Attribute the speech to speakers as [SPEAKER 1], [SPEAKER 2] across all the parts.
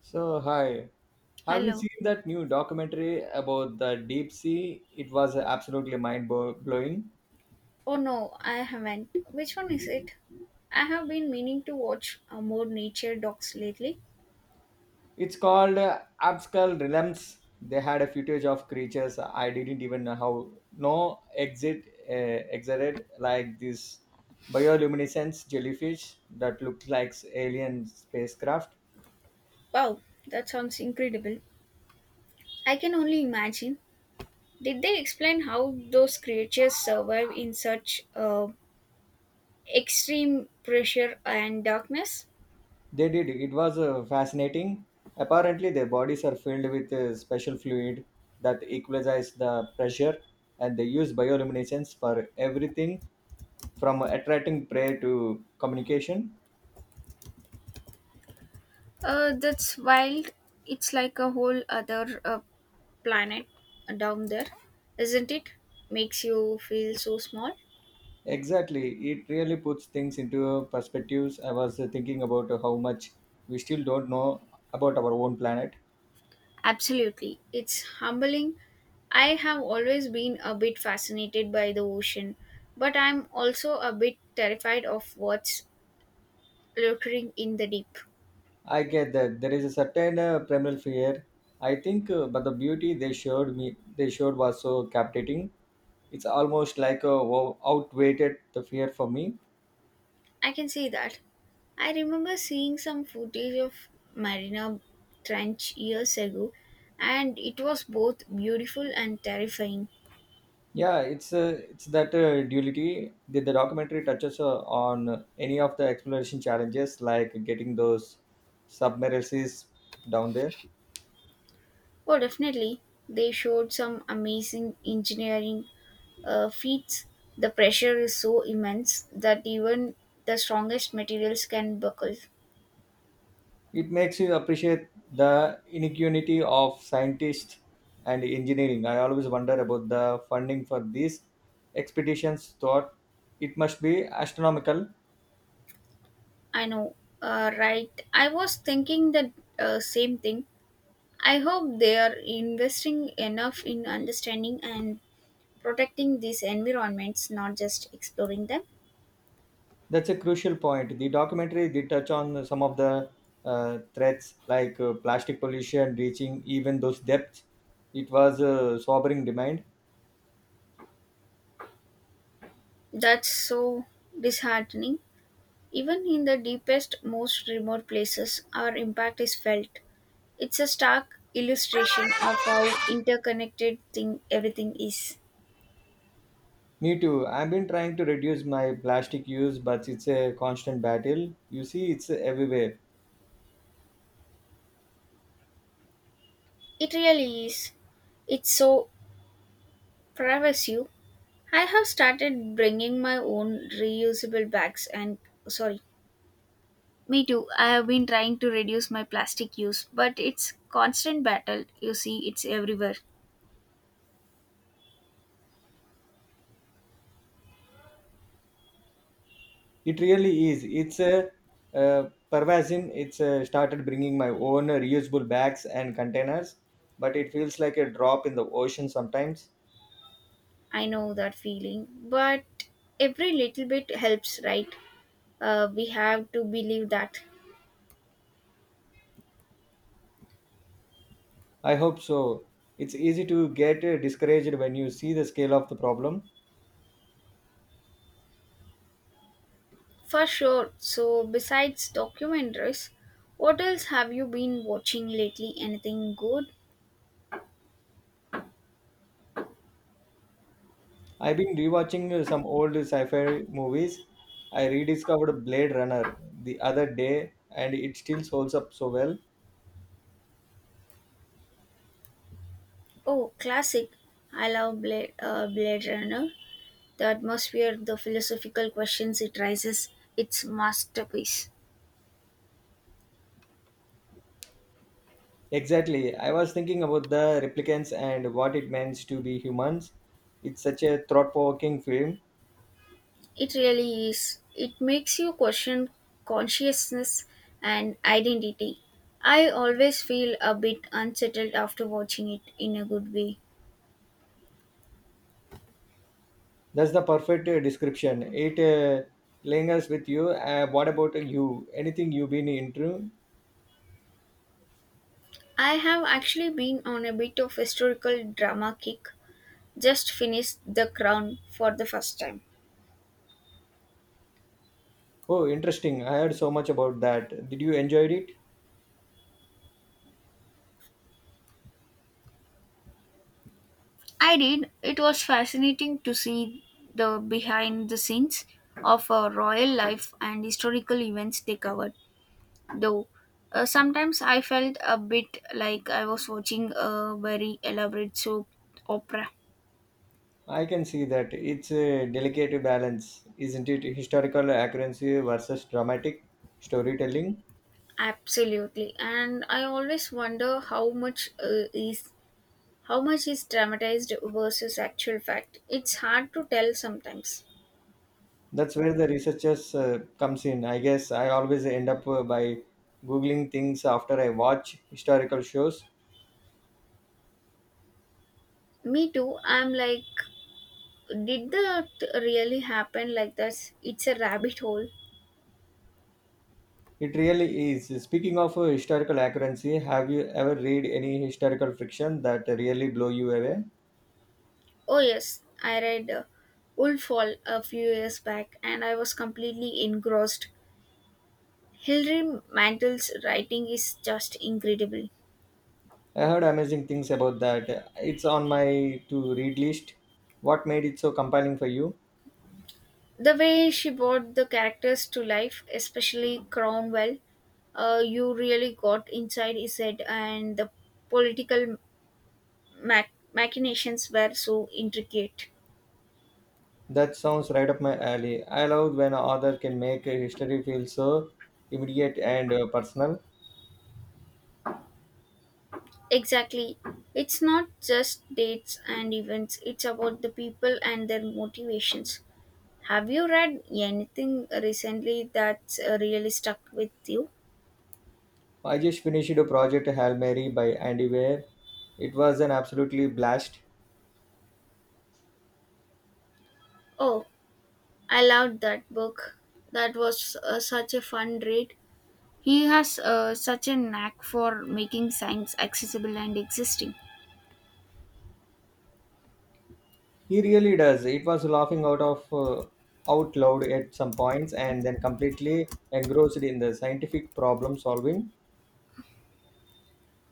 [SPEAKER 1] So, hi. Have you
[SPEAKER 2] Hello.
[SPEAKER 1] seen that new documentary about the deep sea? It was absolutely blowing.
[SPEAKER 2] Oh no, I haven't. Which one is it? I have been meaning to watch more nature docs lately.
[SPEAKER 1] It's called Abscal Realms. They had a footage of creatures I didn't even know how no exit exited like this bioluminescence jellyfish that looked like alien spacecraft.
[SPEAKER 2] Wow, that sounds incredible. I can only imagine. Did they explain how those creatures survive in such extreme pressure and darkness?
[SPEAKER 1] They did. It was fascinating. Apparently, their bodies are filled with a special fluid that equalizes the pressure, and they use bioluminescence for everything from attracting prey to communication.
[SPEAKER 2] That's wild. It's like a whole other planet down there, isn't it? Makes you feel so small.
[SPEAKER 1] Exactly. It really puts things into perspectives. I was thinking about how much we still don't know about our own planet.
[SPEAKER 2] Absolutely. It's humbling. I have always been a bit fascinated by the ocean, but I'm also a bit terrified of what's lurking in the deep.
[SPEAKER 1] I get that there is a certain primal fear. I think, but the beauty they showed was so captivating it's almost like a wow, outweighed the fear for me.
[SPEAKER 2] I can see that. I remember seeing some footage of Marina Trench years ago, and it was both beautiful and terrifying.
[SPEAKER 1] Yeah, it's that duality that the documentary touches on any of the exploration challenges like getting those submersibles down there.
[SPEAKER 2] Oh, definitely. They showed some amazing engineering feet. The pressure is so immense that even the strongest materials can buckle.
[SPEAKER 1] It makes you appreciate the inequality of scientists and engineering. I always wonder about the funding for these expeditions thought it must be astronomical.
[SPEAKER 2] I know, right? I was thinking the same thing. I hope they are investing enough in understanding and protecting these environments, not just exploring them.
[SPEAKER 1] That's a crucial point. The documentary did touch on some of the threats like plastic pollution reaching even those depths. It was a sobering demand.
[SPEAKER 2] That's so disheartening. Even in the deepest, most remote places, our impact is felt. It's a stark illustration of how interconnected thing everything is.
[SPEAKER 1] Me too. I've been trying to reduce my plastic use, but it's a constant battle. You see, it's everywhere.
[SPEAKER 2] It really is. It's so pervasive. I have started bringing my own reusable bags and sorry. Me too. I have been trying to reduce my plastic use, but it's constant battle. You see, it's everywhere.
[SPEAKER 1] It really is. It's a pervasin. It's started bringing my own reusable bags and containers, but it feels like a drop in the ocean sometimes.
[SPEAKER 2] I know that feeling, but every little bit helps, right? We have to believe that.
[SPEAKER 1] I hope so. It's easy to get discouraged when you see the scale of the problem.
[SPEAKER 2] For sure. So, besides documentaries, what else have you been watching lately? Anything good?
[SPEAKER 1] I've been rewatching some old sci fi movies. I rediscovered Blade Runner the other day and it still holds up so well.
[SPEAKER 2] Oh, classic. I love Blade Runner. The atmosphere, the philosophical questions it raises, it's masterpiece.
[SPEAKER 1] Exactly. I was thinking about the replicants and what it means to be humans. It's such a thought provoking film.
[SPEAKER 2] It really is. It makes you question consciousness and identity. I always feel a bit unsettled after watching it in a good way.
[SPEAKER 1] That's the perfect description. It lingers with you. What about you? Anything you've been into?
[SPEAKER 2] I have actually been on a bit of historical drama kick. Just finished The Crown for the first time.
[SPEAKER 1] Oh, interesting. I heard so much about that. Did you enjoy it?
[SPEAKER 2] I did. It was fascinating to see the behind the scenes of a royal life and historical events they covered. Though sometimes I felt a bit like I was watching a very elaborate soap opera.
[SPEAKER 1] I can see that it's a delicate balance, isn't it? Historical accuracy versus dramatic storytelling.
[SPEAKER 2] Absolutely, and I always wonder how much is dramatized versus actual fact. It's hard to tell sometimes.
[SPEAKER 1] That's where the researchers comes in. I guess I always end up by googling things after I watch historical shows.
[SPEAKER 2] Me too. I'm like, did that really happen like this? It's a rabbit hole.
[SPEAKER 1] It really is. Speaking of historical accuracy, have you ever read any historical fiction that really blow you away?
[SPEAKER 2] Oh, yes, I read Wolf Hall a few years back and I was completely engrossed. Hilary Mantel's writing is just incredible.
[SPEAKER 1] I heard amazing things about that. It's on my to read list. What made it so compelling for you?
[SPEAKER 2] The way she brought the characters to life, especially Cromwell, you really got inside his head, and the political machinations were so intricate.
[SPEAKER 1] That sounds right up my alley. I love when an author can make a history feel so immediate and personal.
[SPEAKER 2] Exactly. It's not just dates and events, it's about the people and their motivations. Have you read anything recently that's really stuck with you?
[SPEAKER 1] I just finished a project Hail Mary by Andy Weir. It was an absolutely blast.
[SPEAKER 2] Oh, I loved that book. That was such a fun read. He has such a knack for making science accessible and existing.
[SPEAKER 1] He really does. It was laughing out of out loud at some points and then completely engrossed in the scientific problem solving.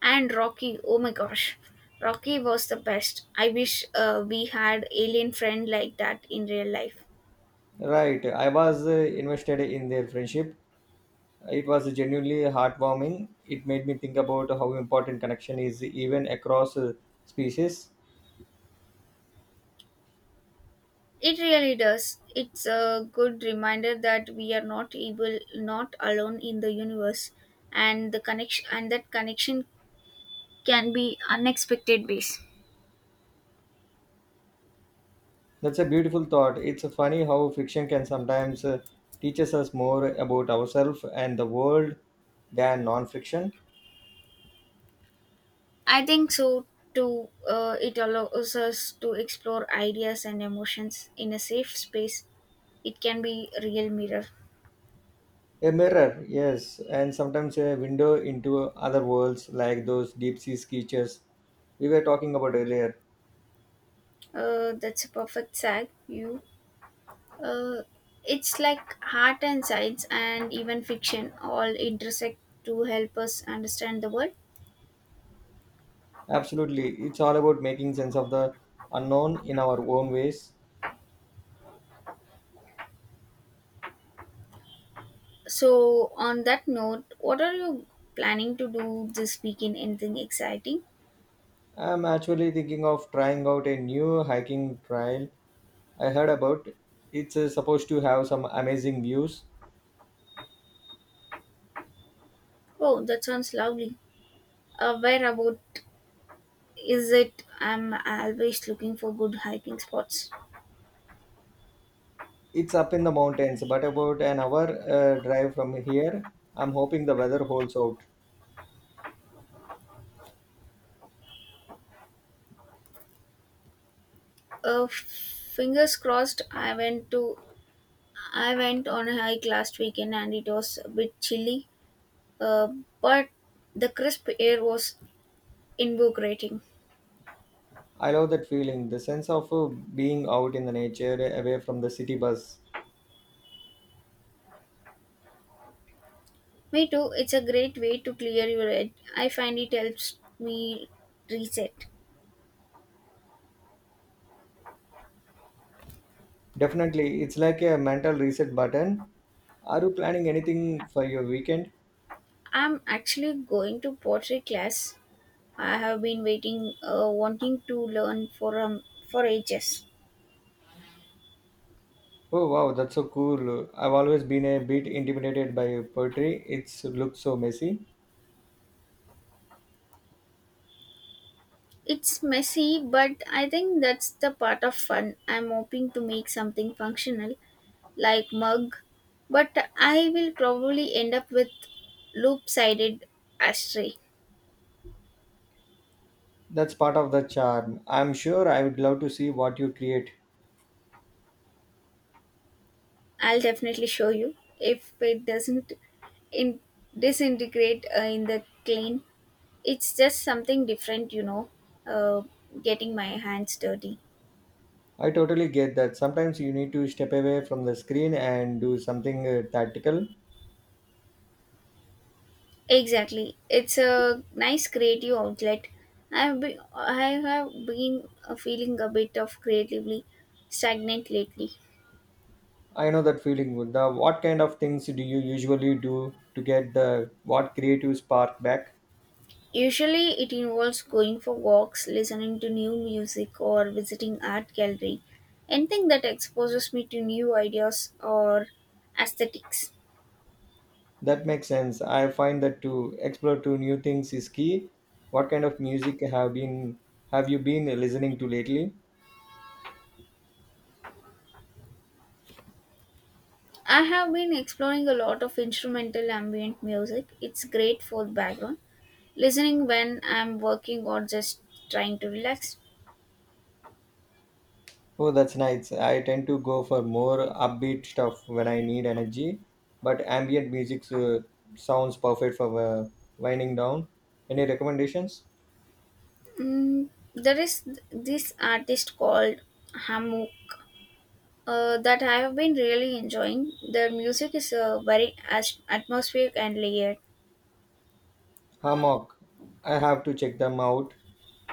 [SPEAKER 2] And Rocky, oh my gosh, Rocky was the best. I wish we had alien friend like that in real life.
[SPEAKER 1] Right, I was invested in their friendship. It was genuinely heartwarming. It made me think about how important connection is even across species.
[SPEAKER 2] It really does. It's a good reminder that we are not able, not alone in the universe, and the connection and that connection can be unexpected base.
[SPEAKER 1] That's a beautiful thought. It's funny how fiction can sometimes teaches us more about ourselves and the world than non-fiction.
[SPEAKER 2] I think so too. It allows us to explore ideas and emotions in a safe space. It can be a real mirror.
[SPEAKER 1] A mirror, yes, and sometimes a window into other worlds like those deep sea creatures we were talking about earlier.
[SPEAKER 2] That's a perfect sag. You. Uh, it's like art and science and even fiction all intersect to help us understand the world.
[SPEAKER 1] Absolutely, it's all about making sense of the unknown in our own ways.
[SPEAKER 2] So, on that note, what are you planning to do this weekend? Anything exciting?
[SPEAKER 1] I'm actually thinking of trying out a new hiking trail I heard about. It's supposed to have some amazing views.
[SPEAKER 2] Oh, that sounds lovely. Where about is it? I'm always looking for good hiking spots.
[SPEAKER 1] It's up in the mountains, but about an hour drive from here. I'm hoping the weather holds out.
[SPEAKER 2] Fingers crossed. I went on a hike last weekend and it was a bit chilly, uh, but the crisp air was invigorating.
[SPEAKER 1] I love that feeling, the sense of being out in the nature away from the city bus.
[SPEAKER 2] Me too. It's a great way to clear your head. I find it helps me reset.
[SPEAKER 1] Definitely, it's like a mental reset button. Are you planning anything for your weekend?
[SPEAKER 2] I'm actually going to pottery class. I have been wanting to learn for ages.
[SPEAKER 1] Oh wow, that's so cool. I've always been a bit intimidated by poetry. It's looks so messy.
[SPEAKER 2] It's messy, but I think that's the part of fun. I'm hoping to make something functional, like mug, but I will probably end up with loop-sided ashtray.
[SPEAKER 1] That's part of the charm. I'm sure I would love to see what you create.
[SPEAKER 2] I'll definitely show you if it doesn't in- disintegrate in the clean. It's just something different, you know, uh, getting my hands dirty.
[SPEAKER 1] I totally get that. Sometimes you need to step away from the screen and do something tactical.
[SPEAKER 2] Exactly. It's a nice creative outlet. I have been feeling a bit of creatively stagnant lately.
[SPEAKER 1] I know that feeling. What kind of things do you usually do to get the what creative spark back?
[SPEAKER 2] Usually, it involves going for walks, listening to new music, or visiting art gallery. Anything that exposes me to new ideas or aesthetics.
[SPEAKER 1] That makes sense. I find that to explore to new things is key. What kind of music have you been listening to lately?
[SPEAKER 2] I have been exploring a lot of instrumental ambient music. It's great for the background, listening when I'm working or just trying to relax.
[SPEAKER 1] Oh, that's nice. I tend to go for more upbeat stuff when I need energy, but ambient music sounds perfect for winding down. Any recommendations?
[SPEAKER 2] Mm, this artist called Hammock that I have been really enjoying. Their music is very atmospheric and layered.
[SPEAKER 1] Hammock. I have to check them out.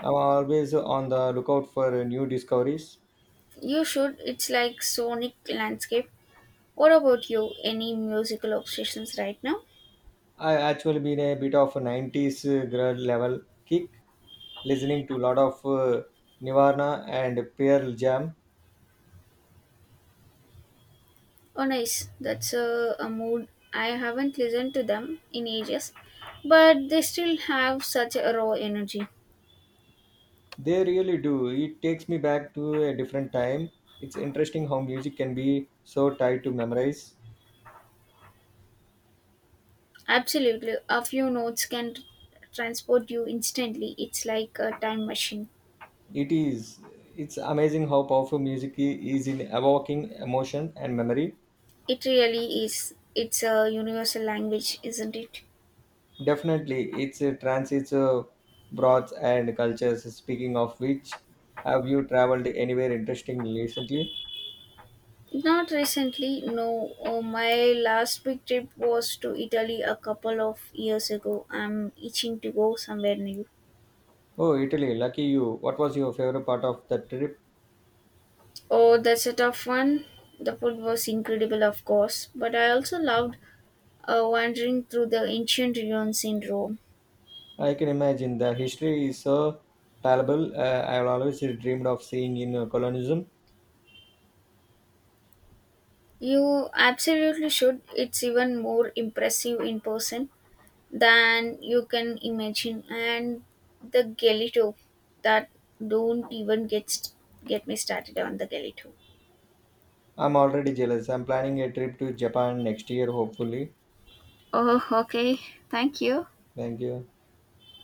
[SPEAKER 1] I'm always on the lookout for new discoveries.
[SPEAKER 2] You should. It's like sonic landscape. What about you? Any musical obsessions right now?
[SPEAKER 1] I've actually been a bit of a 90s girl level kick, listening to a lot of Nirvana and Pearl Jam.
[SPEAKER 2] Oh, nice. That's a mood. I haven't listened to them in ages, but they still have such a raw energy.
[SPEAKER 1] They really do. It takes me back to a different time. It's interesting how music can be so tied to memories.
[SPEAKER 2] Absolutely. A few notes can transport you instantly. It's like a time machine.
[SPEAKER 1] It is. It's amazing how powerful is in evoking emotion and memory.
[SPEAKER 2] It really is. It's a universal language, isn't it?
[SPEAKER 1] Definitely, it's a transits broads and cultures. Speaking of which, have you traveled anywhere interesting recently?
[SPEAKER 2] Not recently, no. Oh, my last big trip was to Italy a couple of years ago. I'm itching to go somewhere new.
[SPEAKER 1] Oh, Italy, lucky you. What was your favorite part of the trip?
[SPEAKER 2] Oh, that's a tough one. The food was incredible, of course, but I also loved wandering through the ancient ruins in Rome.
[SPEAKER 1] I can imagine the history is so palpable. I've always dreamed of seeing in colonialism.
[SPEAKER 2] You absolutely should. It's even more impressive in person than you can imagine. And the Galito that don't even get st- get me started on the Galito.
[SPEAKER 1] I'm already jealous. I'm planning a trip to Japan next year, hopefully.
[SPEAKER 2] Oh, okay. Thank you.
[SPEAKER 1] Thank you.